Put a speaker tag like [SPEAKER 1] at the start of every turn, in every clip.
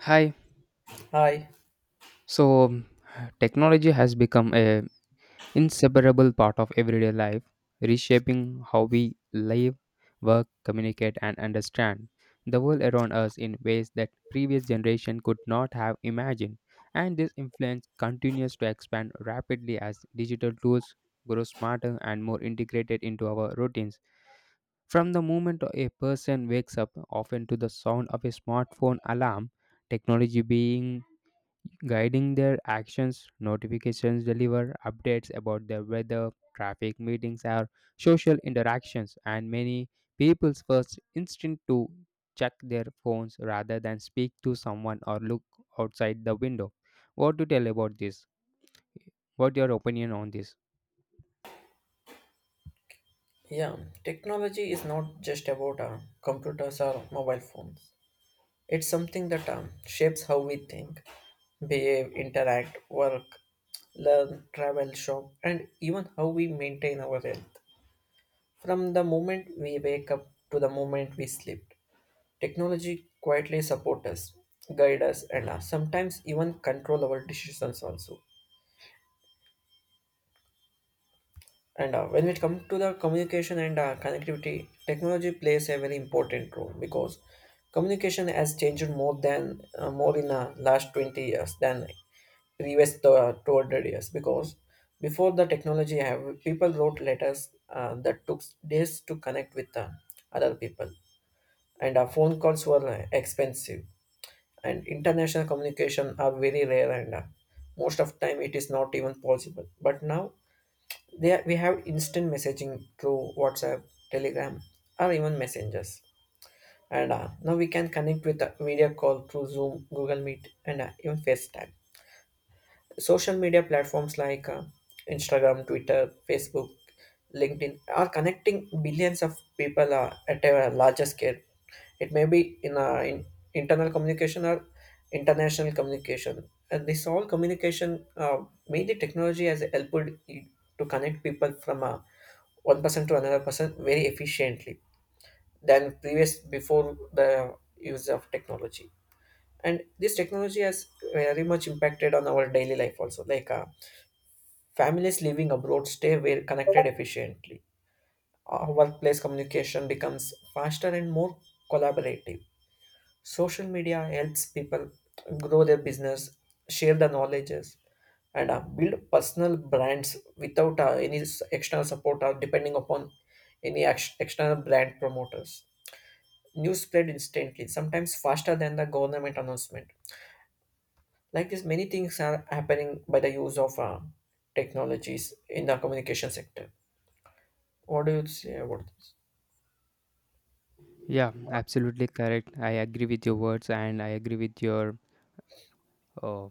[SPEAKER 1] Hi.
[SPEAKER 2] Hi.
[SPEAKER 1] So, um, Technology has become a inseparable part of everyday life, reshaping how we live, work, communicate, and understand the world around us in ways that previous generation could not have imagined. And this influence continues to expand rapidly as digital tools grow smarter and more integrated into our routines. From the moment a person wakes up, often to the sound of a smartphone alarm, technology being guiding their actions, notifications deliver updates about the weather, traffic meetings, or social interactions, and many people's first instinct to check their phones rather than speak to someone or look outside the window. What to tell about this? What your opinion on this?
[SPEAKER 2] Yeah, technology is not just about computers or mobile phones. It's something that shapes how we think, behave, interact, work, learn, travel, shop, and even how we maintain our health. From the moment we wake up to the moment we sleep, technology quietly supports us, guide us, and sometimes even control our decisions also. And When it comes to the communication and connectivity, technology plays a very important role because communication has changed more than more in the last 20 years than previous to, 200 years because before the technology have people wrote letters that took days to connect with other people and phone calls were expensive and international communication are very rare and most of time it is not even possible but now there we have instant messaging through WhatsApp, Telegram, or even messengers. And Now we can connect with a video call through Zoom, Google Meet, and even FaceTime social media platforms like Instagram, Twitter, Facebook, LinkedIn are connecting billions of people at a larger scale. It may be in internal communication or international communication. And this all communication, mainly technology, has helped i- to connect people from one person to another person very efficiently than previous before the use of technology. And this technology has very much impacted on our daily life also, like. Families living abroad stay well connected efficiently. Our workplace communication becomes faster and more collaborative. Social media helps people grow their business, share the knowledges, and build personal brands without any external support or depending upon any external brand promoters. News spread instantly, sometimes faster than the government announcement. Like this, many things are happening by the use of technologies in the communication sector. What do you say about this?
[SPEAKER 1] Yeah, absolutely correct. I agree with your words and I agree with your uh,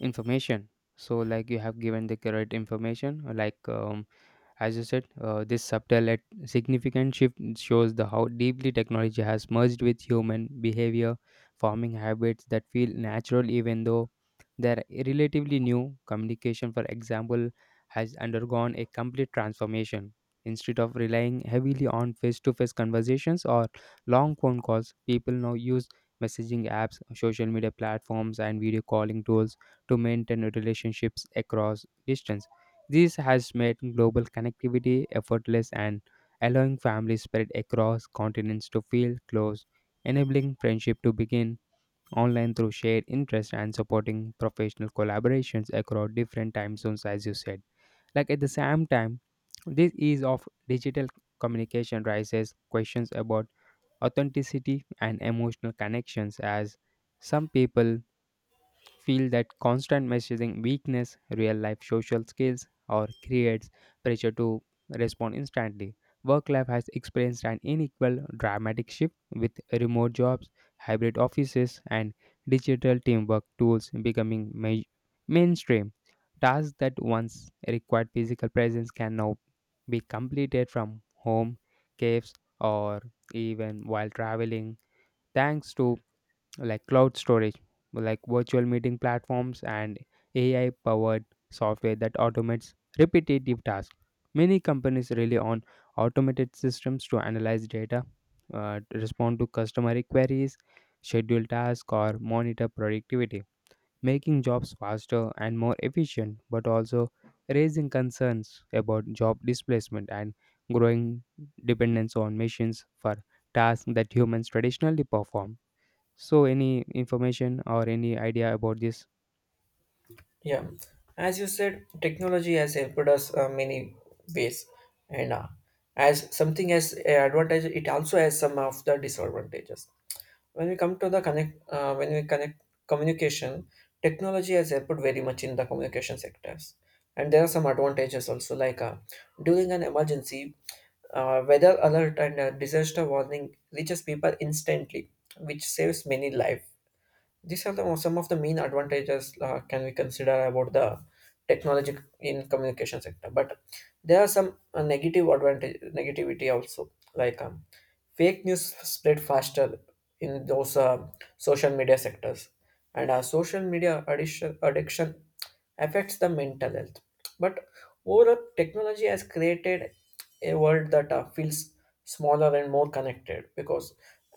[SPEAKER 1] information. So, like, you have given the correct information. As you said, this subtle yet significant shift shows the how deeply technology has merged with human behavior, forming habits that feel natural even though they're relatively new. Communication, for example, has undergone a complete transformation. Instead of relying heavily on face to face conversations or long phone calls, people now use messaging apps, social media platforms, and video calling tools to maintain relationships across distance. This has made global connectivity effortless and allowing families spread across continents to feel close, enabling friendship to begin online through shared interests and supporting professional collaborations across different time zones, as you said. Like at the same time, this ease of digital communication raises questions about authenticity and emotional connections as some people feel that constant messaging weakness real life social skills or creates pressure to respond instantly. Work life has experienced an unequal dramatic shift with remote jobs, hybrid offices, and digital teamwork tools becoming mainstream. Tasks that once required physical presence can now be completed from home, caves, or even while traveling thanks to like cloud storage, like virtual meeting platforms and AI powered software that automates repetitive tasks. Many companies rely on automated systems to analyze data, to respond to customer queries, schedule tasks, or monitor productivity, making jobs faster and more efficient, but also raising concerns about job displacement and growing dependence on machines for tasks that humans traditionally perform. So, any information or any idea about this?
[SPEAKER 2] Yeah, as you said, technology has helped us many ways, and as something as a advantage, it also has some of the disadvantages. When we come to when we connect communication, technology has helped very much in the communication sectors, and there are some advantages also, like during an emergency, weather alert and disaster warning reaches people instantly, which saves many life. These are some of the main advantages can we consider about the technology in communication sector. But there are some negative advantage negativity also, like fake news spread faster in those social media sectors, and social media addiction affects the mental health. But overall, technology has created a world that feels smaller and more connected because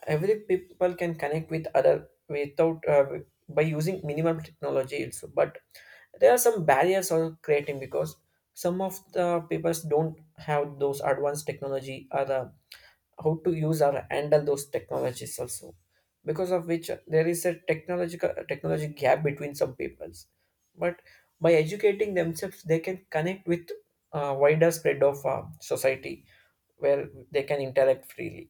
[SPEAKER 2] every people can connect with other without by using minimal technology also, but there are some barriers are creating because some of the people don't have those advanced technology or how to use or handle those technologies also because of which there is a technological technology gap between some peoples, but by educating themselves they can connect with wider spread of society where they can interact freely.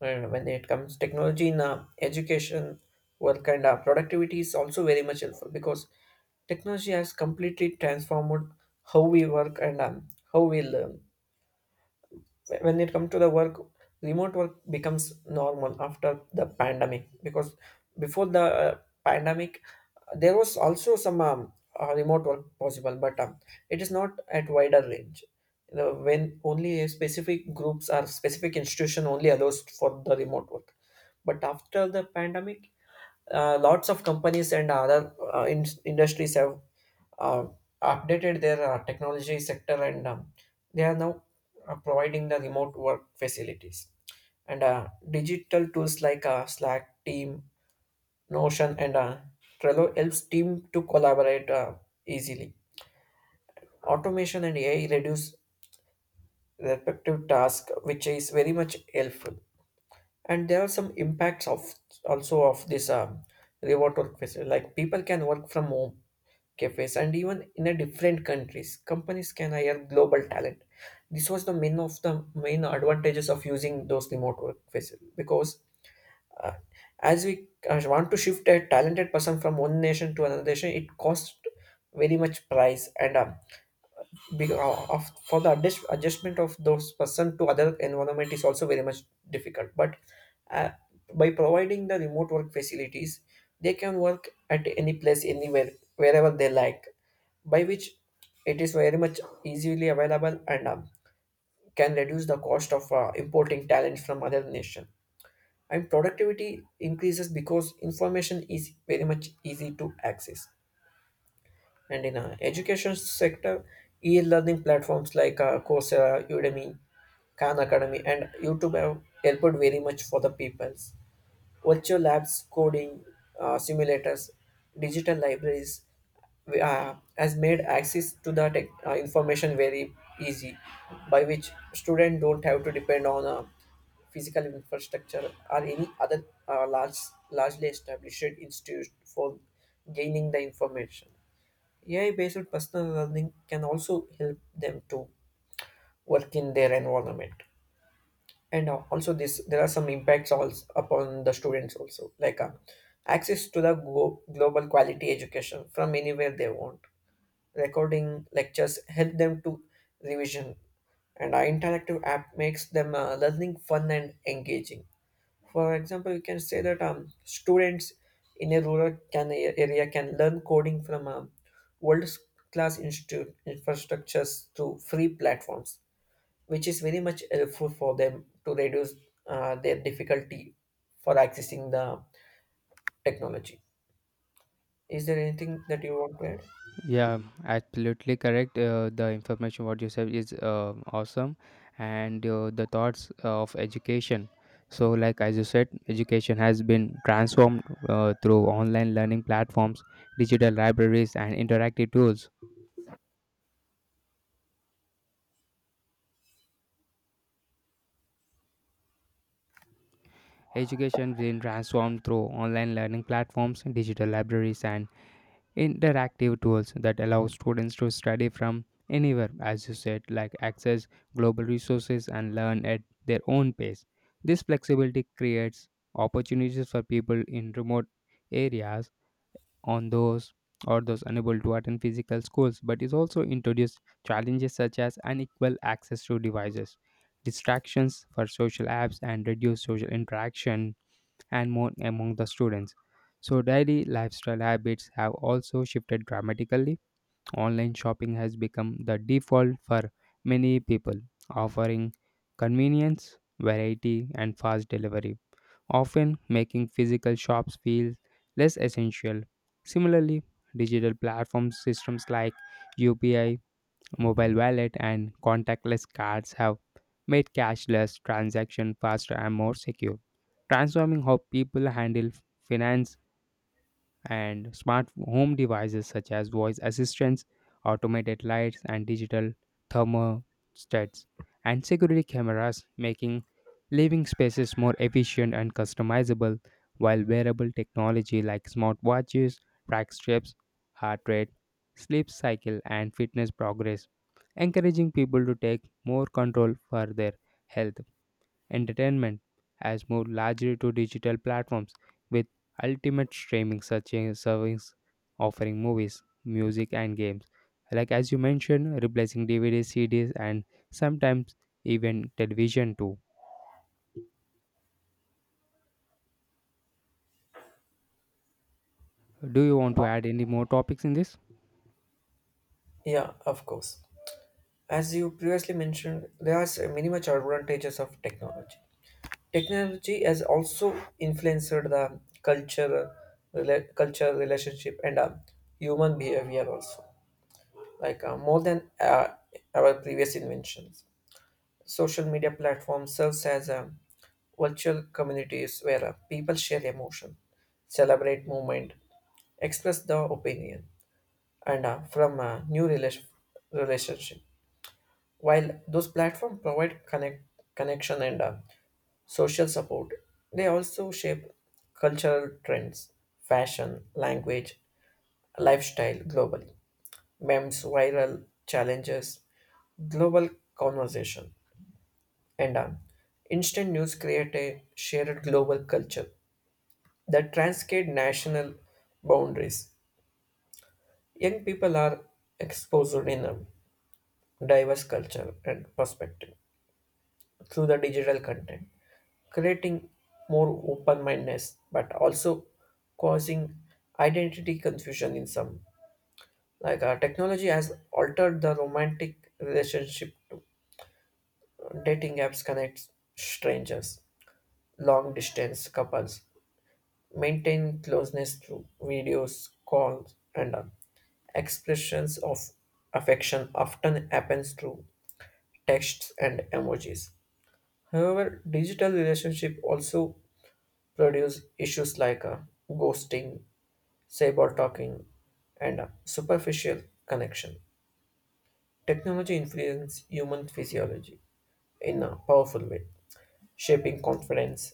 [SPEAKER 2] And when it comes technology in education, work and productivity is also very much helpful because technology has completely transformed how we work and how we learn. When it comes to the work, remote work becomes normal after the pandemic because before the pandemic, there was also some remote work possible, but it is not at wider range. You know, when only a specific groups or specific institution only allows for the remote work. But after the pandemic, lots of companies and other industries have uh, updated their technology sector and they are now providing the remote work facilities and digital tools like slack team Notion, and Trello helps team to collaborate easily. Automation and AI reduce repetitive task, which is very much helpful. And there are some impacts of also of this remote work facility. Like people can work from home cafes and even in a different countries. Companies can hire global talent. This was the main advantages of using those remote work facility because Uh, as we want to shift a talented person from one nation to another nation, it costs very much price and be- uh, of, for adjustment of those person to other environment is also very much difficult. But uh, by providing the remote work facilities, they can work at any place, anywhere, wherever they like, by which it is very much easily available and can reduce the cost of importing talent from other nation and productivity increases because information is very much easy to access. And in education sector, e-learning platforms like Coursera, Udemy, Khan Academy, and YouTube have helped very much for the peoples, virtual labs, coding simulators, digital libraries has made access to the information very easy, by which students don't have to depend on a physical infrastructure or any other largely established institute for gaining the information. AI-based personal learning can also help them to work in their environment, and also this there are some impacts also upon the students also, like access to the global quality education from anywhere they want, recording lectures help them to revision, and our interactive app makes them learning fun and engaging. For example, you can say that students in a area can learn coding from world class institute infrastructures through free platforms, which is very much helpful for them to reduce their difficulty for accessing the technology. Is there anything that you want to add?
[SPEAKER 1] Yeah, absolutely correct. The information what you said is awesome, and the thoughts of education. So, like as you said, education has been transformed through online learning platforms, digital libraries, and interactive tools. Education been transformed through online learning platforms, digital libraries, and interactive tools that allow students to study from anywhere, as you said, like access global resources and learn at their own pace. This flexibility creates opportunities for people in remote areas on those or those unable to attend physical schools, but it also introduced challenges such as unequal access to devices, distractions for social apps, and reduced social interaction and more among the students. So, daily lifestyle habits have also shifted dramatically. Online shopping has become the default for many people, offering convenience, variety, and fast delivery, often making physical shops feel less essential. Similarly, digital platform systems like UPI, Mobile wallet, and contactless cards have made cashless transaction faster and more secure, transforming how people handle finance, and smart home devices such as voice assistants, automated lights, and digital thermostats, and security cameras, making living spaces more efficient and customizable, while wearable technology like smartwatches track steps, heart rate, sleep cycle, and fitness progress, encouraging people to take more control for their health. Entertainment has moved largely to digital platforms, with ultimate streaming such as service offering movies, music, and games. Like as you mentioned, replacing DVDs, CDs, and sometimes even television too. Do you want to add any more topics in this?
[SPEAKER 2] Yeah, of course. As you previously mentioned, there are many much advantages of technology. Technology has also influenced the culture, relationship, and human behavior also, like more than our previous inventions. Social media platform serves as a virtual communities where people share emotion, celebrate movement, express their opinion, and from a new relation relationship. While those platforms provide connection and social support, they also shape cultural trends, fashion, language, lifestyle globally. Memes, viral challenges, global conversation. And on. Instant news create a shared global culture that transcend national boundaries. Young people are exposed in a diverse culture and perspective through the digital content, creating more open-mindedness, but also causing identity confusion in some. Like our technology has altered the romantic relationship. Dating apps connect strangers, long distance couples, maintain closeness through videos, calls, and expressions of affection often happens through texts and emojis. However, digital relationship also produce issues like ghosting, cyber talking, and superficial connection. Technology influences human physiology in a powerful way, shaping confidence,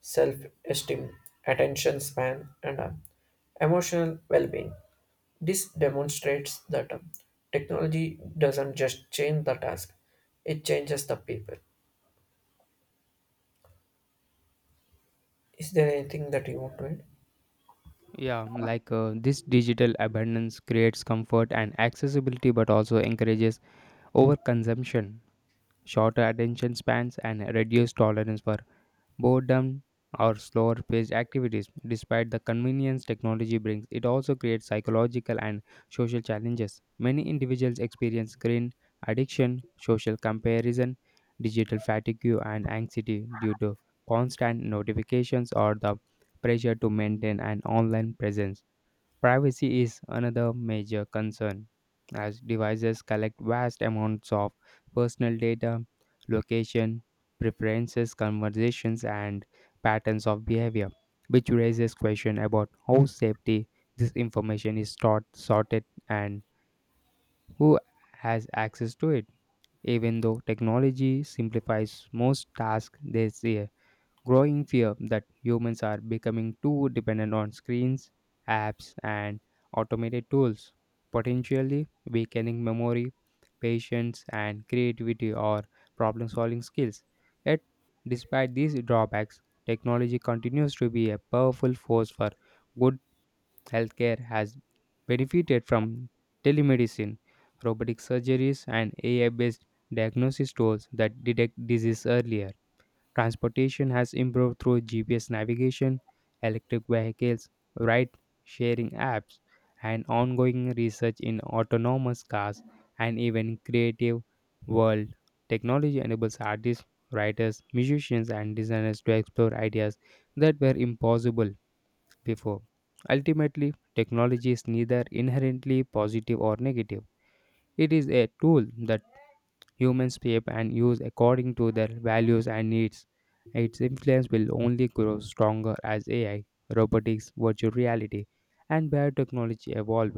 [SPEAKER 2] self-esteem, attention span, and emotional well-being. This demonstrates that technology doesn't just change the task, it changes the people. Is there anything that you want to add?
[SPEAKER 1] Yeah, this digital abundance creates comfort and accessibility, but also encourages overconsumption, shorter attention spans, and reduced tolerance for boredom, or slower paced activities. Despite the convenience technology brings, it also creates psychological and social challenges. Many individuals experience screen addiction, social comparison, digital fatigue, and anxiety due to constant notifications or the pressure to maintain an online presence. Privacy is another major concern, as devices collect vast amounts of personal data, location, preferences, conversations, and patterns of behavior, which raises questions about how safety this information is stored, sorted, and who has access to it. Even though technology simplifies most tasks this year, growing fear that humans are becoming too dependent on screens, apps, and automated tools, potentially weakening memory, patience, and creativity or problem solving skills. Yet, despite these drawbacks, technology continues to be a powerful force for good. Healthcare has benefited from telemedicine, robotic surgeries, and AI based diagnosis tools that detect disease earlier. Transportation has improved through GPS navigation, electric vehicles, ride sharing apps, and ongoing research in autonomous cars, and even creative world. Technology enables artists, writers, musicians, and designers to explore ideas that were impossible before. Ultimately, technology is neither inherently positive or negative. It is a tool that humans shape and use according to their values and needs. Its influence will only grow stronger as AI, robotics, virtual reality, and biotechnology evolve,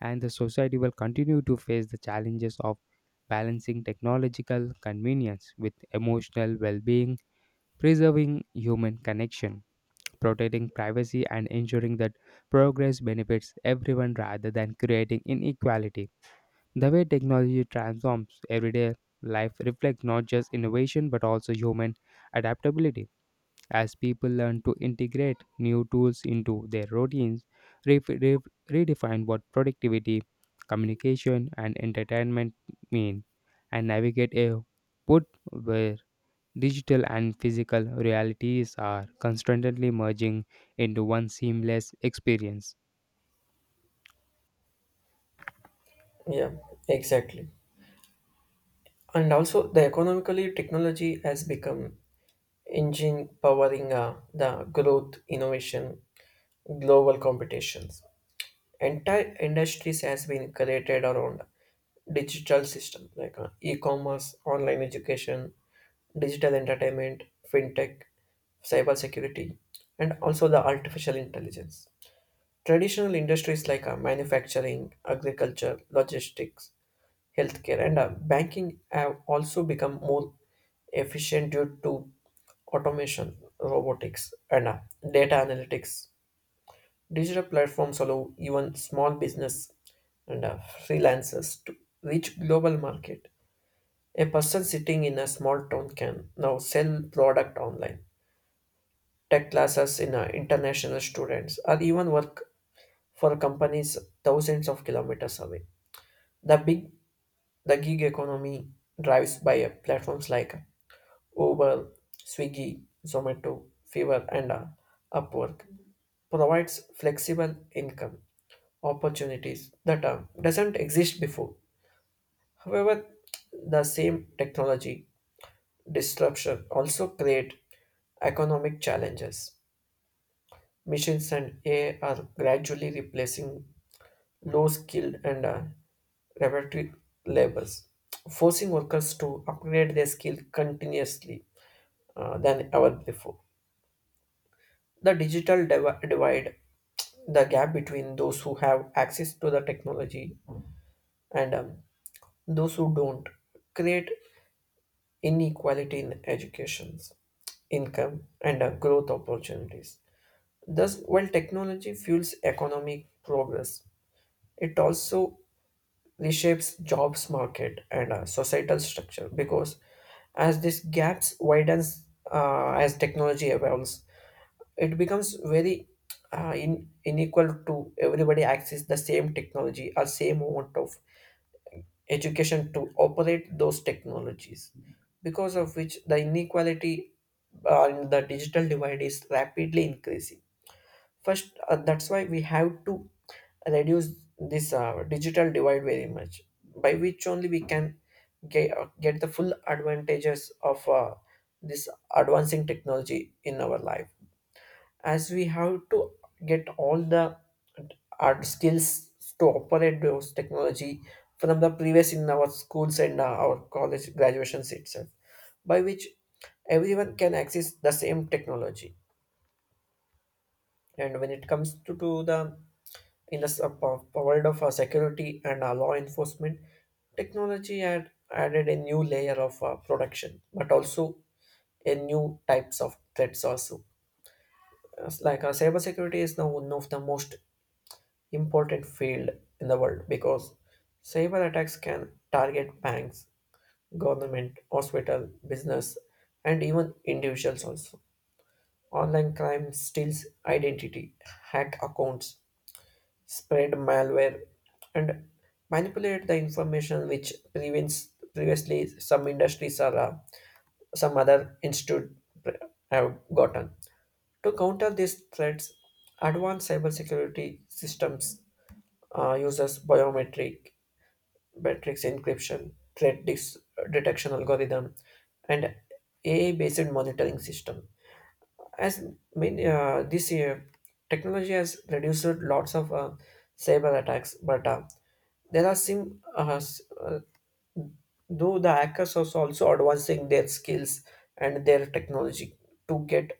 [SPEAKER 1] and the society will continue to face the challenges of balancing technological convenience with emotional well being, preserving human connection, protecting privacy, and ensuring that progress benefits everyone rather than creating inequality. The way technology transforms everyday life reflects not just innovation but also human adaptability. As people learn to integrate new tools into their routines, ref- ref- redefine what productivity, communication, and entertainment mean, and navigate a world where digital and physical realities are constantly merging into one seamless experience.
[SPEAKER 2] Yeah, exactly. And also, the economically technology has become engine powering the growth, innovation, global competitions. Entire industries has been created around digital system like e-commerce, online education, digital entertainment, fintech, cybersecurity, and also the artificial intelligence. Traditional industries like manufacturing, agriculture, logistics, healthcare, and banking have also become more efficient due to automation, robotics, and data analytics. Digital platforms allow even small business and freelancers to reach global market. A person sitting in a small town can now sell product online, tech classes in international students, or even work for companies thousands of kilometers away. The big the gig economy drives by platforms like Uber, Swiggy, Zomato, Fiverr, and Upwork provides flexible income opportunities that doesn't exist before. However, the same technology disruption also create economic challenges. Machines and AI are gradually replacing low skilled and repetitive labors, forcing workers to upgrade their skill continuously than ever before. The digital divi- divide, the gap between those who have access to the technology and those who don't, create inequality in education, income, and growth opportunities. Thus, while technology fuels economic progress, it also reshapes jobs market and societal structure because as these gaps widens as technology evolves, it becomes very unequal to everybody access the same technology or same amount of education to operate those technologies because of which the inequality in the digital divide is rapidly increasing. That's why we have to reduce this digital divide very much, by which only we can get the full advantages of this advancing technology in our life. As we have to get all the our skills to operate those technology from the previous in our schools and our college graduations itself, by which everyone can access the same technology. And when it comes to the in the world of security and law enforcement, technology had added a new layer of protection, but also a new types of threats also. As Like Cybersecurity is now one of the most important field in the world because cyber attacks can target banks, government, hospital, business, and even individuals also. Online crime steals identity, hack accounts, spread malware, and manipulate the information which prevents previously some industries or some other institute have gotten. To counter these threats, advanced cybersecurity systems uses biometric, metrics encryption, detection algorithm, and AI-based monitoring system as this year technology has reduced lots of cyber attacks, but there are some though the hackers are also advancing their skills and their technology to get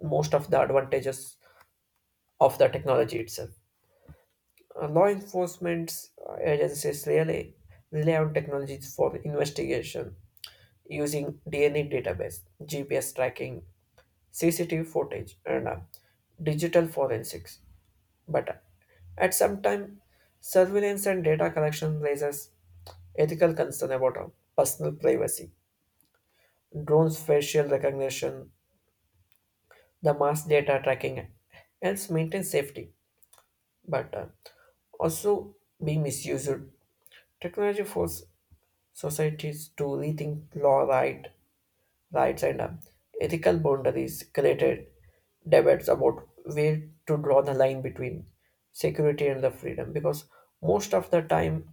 [SPEAKER 2] most of the advantages of the technology itself. Law enforcement agencies really rely on technologies for investigation using DNA database, GPS tracking, CCTV footage, and digital forensics. But at some time, surveillance and data collection raises ethical concern about our personal privacy. Drones' facial recognition, the mass data tracking helps maintain safety, but also be misused. Technology forces societies to rethink law right rights and ethical boundaries, created debates about where to draw the line between security and the freedom, because most of the time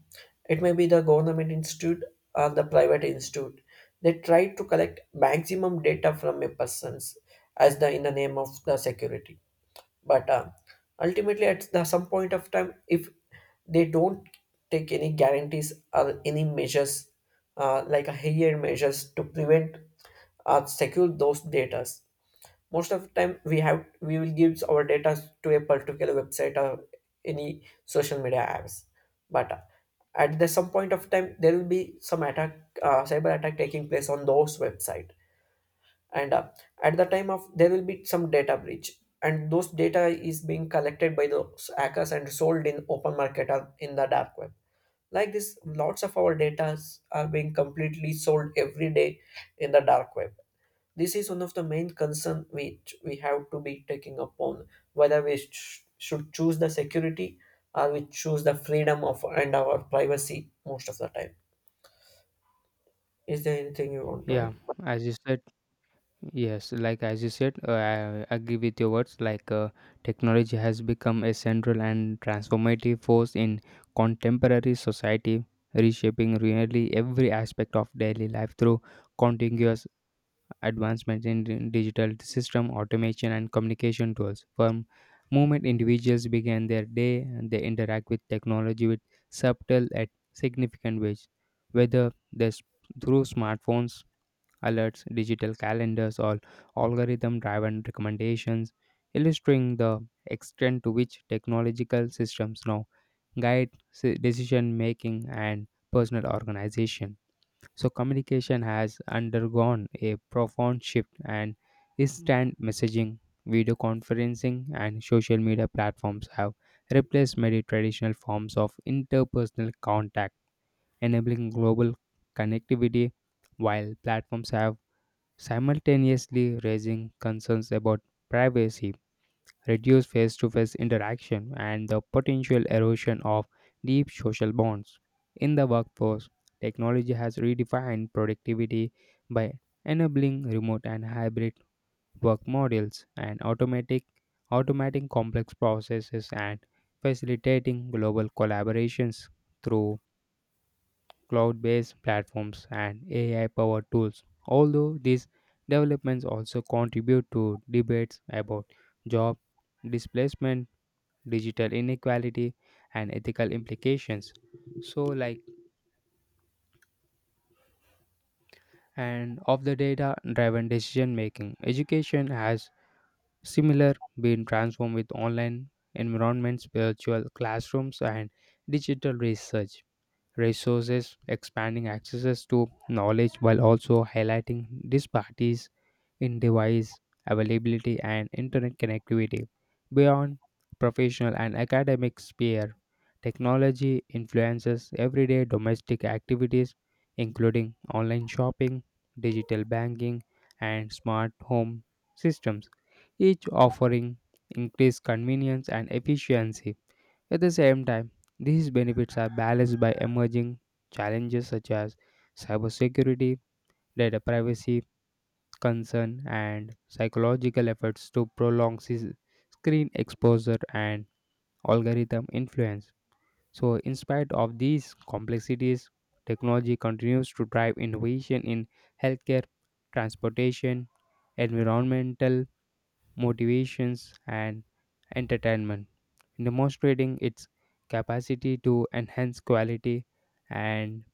[SPEAKER 2] it may be the government institute or the private institute, they try to collect maximum data from a person's as the in the name of the security, but ultimately, at the some point of time, if they don't take any guarantees or any measures, like a higher measures to prevent or secure those data, most of the time we will give our data to a particular website or any social media apps. But at the some point of time, there will be some attack, cyber attack taking place on those website, and at the time of there will be some data breach and those data is being collected by those hackers and sold in open market or in the dark web. Like this, lots of our data are being completely sold every day in the dark web. This is one of the main concern which we have to be taking upon, whether we should choose the security or we choose the freedom of and our privacy most of the time. Is there anything you want to add?
[SPEAKER 1] Yeah, as you said, yes, like as you said, I agree with your words. Technology has become a central and transformative force in contemporary society, reshaping nearly every aspect of daily life through contiguous advancements in digital system automation and communication tools from moment individuals begin their day and they interact with technology with subtle and significant ways, whether this through smartphones alerts, digital calendars, or algorithm driven recommendations, illustrating the extent to which technological systems now guide decision making and personal organization. So communication has undergone a profound shift, and instant messaging, video conferencing, and social media platforms have replaced many traditional forms of interpersonal contact, enabling global connectivity while platforms have simultaneously raising concerns about privacy, reduced face to face interaction, and the potential erosion of deep social bonds. In the workforce, technology has redefined productivity by enabling remote and hybrid work models and automatic automating complex processes and facilitating global collaborations through cloud-based platforms and AI-powered tools. Although these developments also contribute to debates about job displacement, digital inequality, and ethical implications. So, like, and of the data driven decision making, education has similar been transformed with online environments, virtual classrooms, and digital research resources, expanding access to knowledge while also highlighting disparities in device availability and internet connectivity. Beyond professional and academic sphere, technology influences everyday domestic activities including online shopping, digital banking, and smart home systems, each offering increased convenience and efficiency. At the same time, these benefits are balanced by emerging challenges such as cybersecurity, data privacy concern, and psychological efforts to prolong screen exposure and algorithm influence. So, in spite of these complexities, technology continues to drive innovation in healthcare, transportation, environmental motivations, and entertainment, demonstrating its capacity to enhance quality and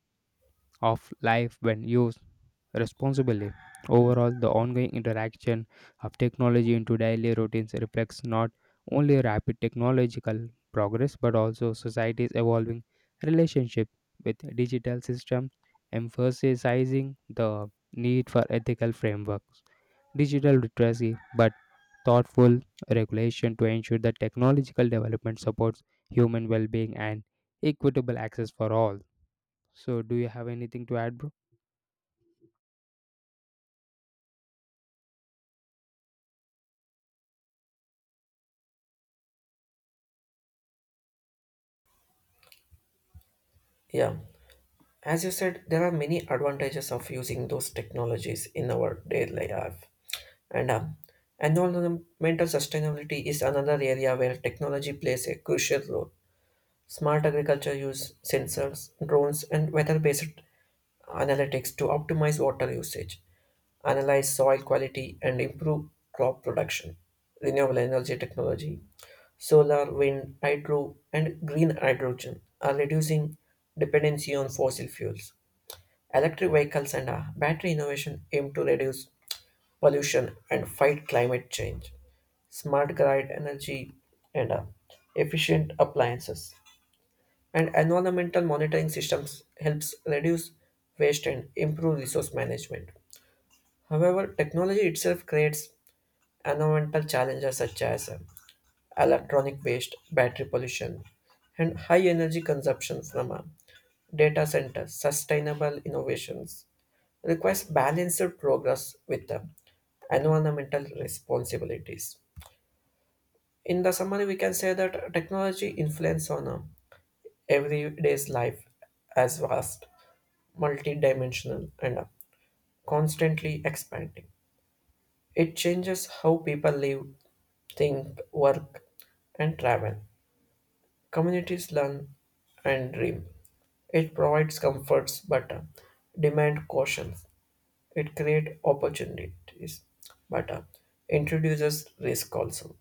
[SPEAKER 1] of life when used responsibly. Overall, the ongoing interaction of technology into daily routines reflects not only rapid technological progress but also society's evolving relationship with digital systems, emphasizing the need for ethical frameworks, digital literacy, but thoughtful regulation to ensure that technological development supports human well being and equitable access for all. So, do you have anything to add, bro?
[SPEAKER 2] Yeah. As you said, there are many advantages of using those technologies in our daily life. And Environmental sustainability is another area where technology plays a crucial role. Smart agriculture use sensors, drones, and weather based analytics to optimize water usage, analyze soil quality, and improve crop production. Renewable energy technology, solar, wind, hydro, and green hydrogen are reducing dependency on fossil fuels. Electric vehicles and battery innovation aim to reduce pollution and fight climate change. Smart grid energy and efficient appliances and environmental monitoring systems helps reduce waste and improve resource management. However, technology itself creates environmental challenges such as electronic waste, battery pollution, and high energy consumption from data centers. Sustainable innovations requires balanced progress with the environmental responsibilities. In the summary, we can say that technology influence on everyday's life as vast, multidimensional, and constantly expanding. It changes how people live, think, work, and travel. Communities learn and dream. It provides comforts but demand caution. It creates opportunities, but introduces risk also.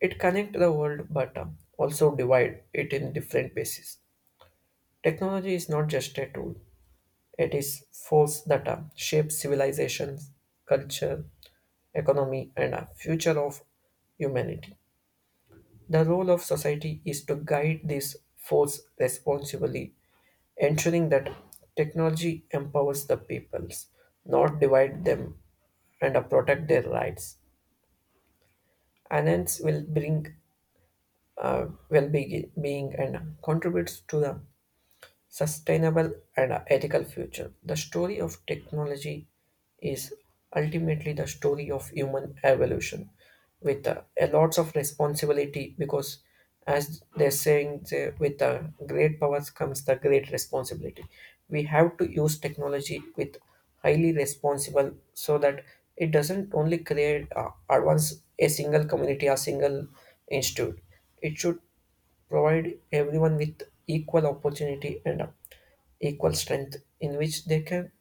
[SPEAKER 2] It connects the world, but also divide it in different pieces. Technology is not just a tool; it is force that shapes civilizations, culture, economy, and future of humanity. The role of society is to guide this force responsibly, ensuring that technology empowers the peoples, not divide them, and protect their rights. Anants will bring well-being and contributes to the sustainable and ethical future. The story of technology is ultimately the story of human evolution with a lots of responsibility, because as they're saying they, with the great powers comes the great responsibility, we have to use technology with highly responsible so that it doesn't only create advance a single community or single institute. It should provide everyone with equal opportunity and equal strength in which they can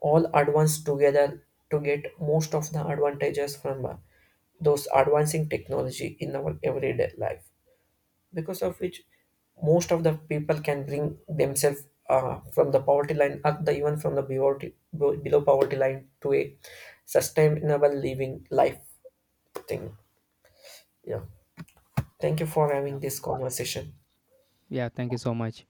[SPEAKER 2] all advance together to get most of the advantages from those advancing technology in our everyday life, because of which most of the people can bring themselves from the poverty line up the even from the poverty, below poverty line to a sustainable living life thing. Yeah, thank you for
[SPEAKER 1] Yeah.
[SPEAKER 2] having this conversation.
[SPEAKER 1] Yeah, thank you so much.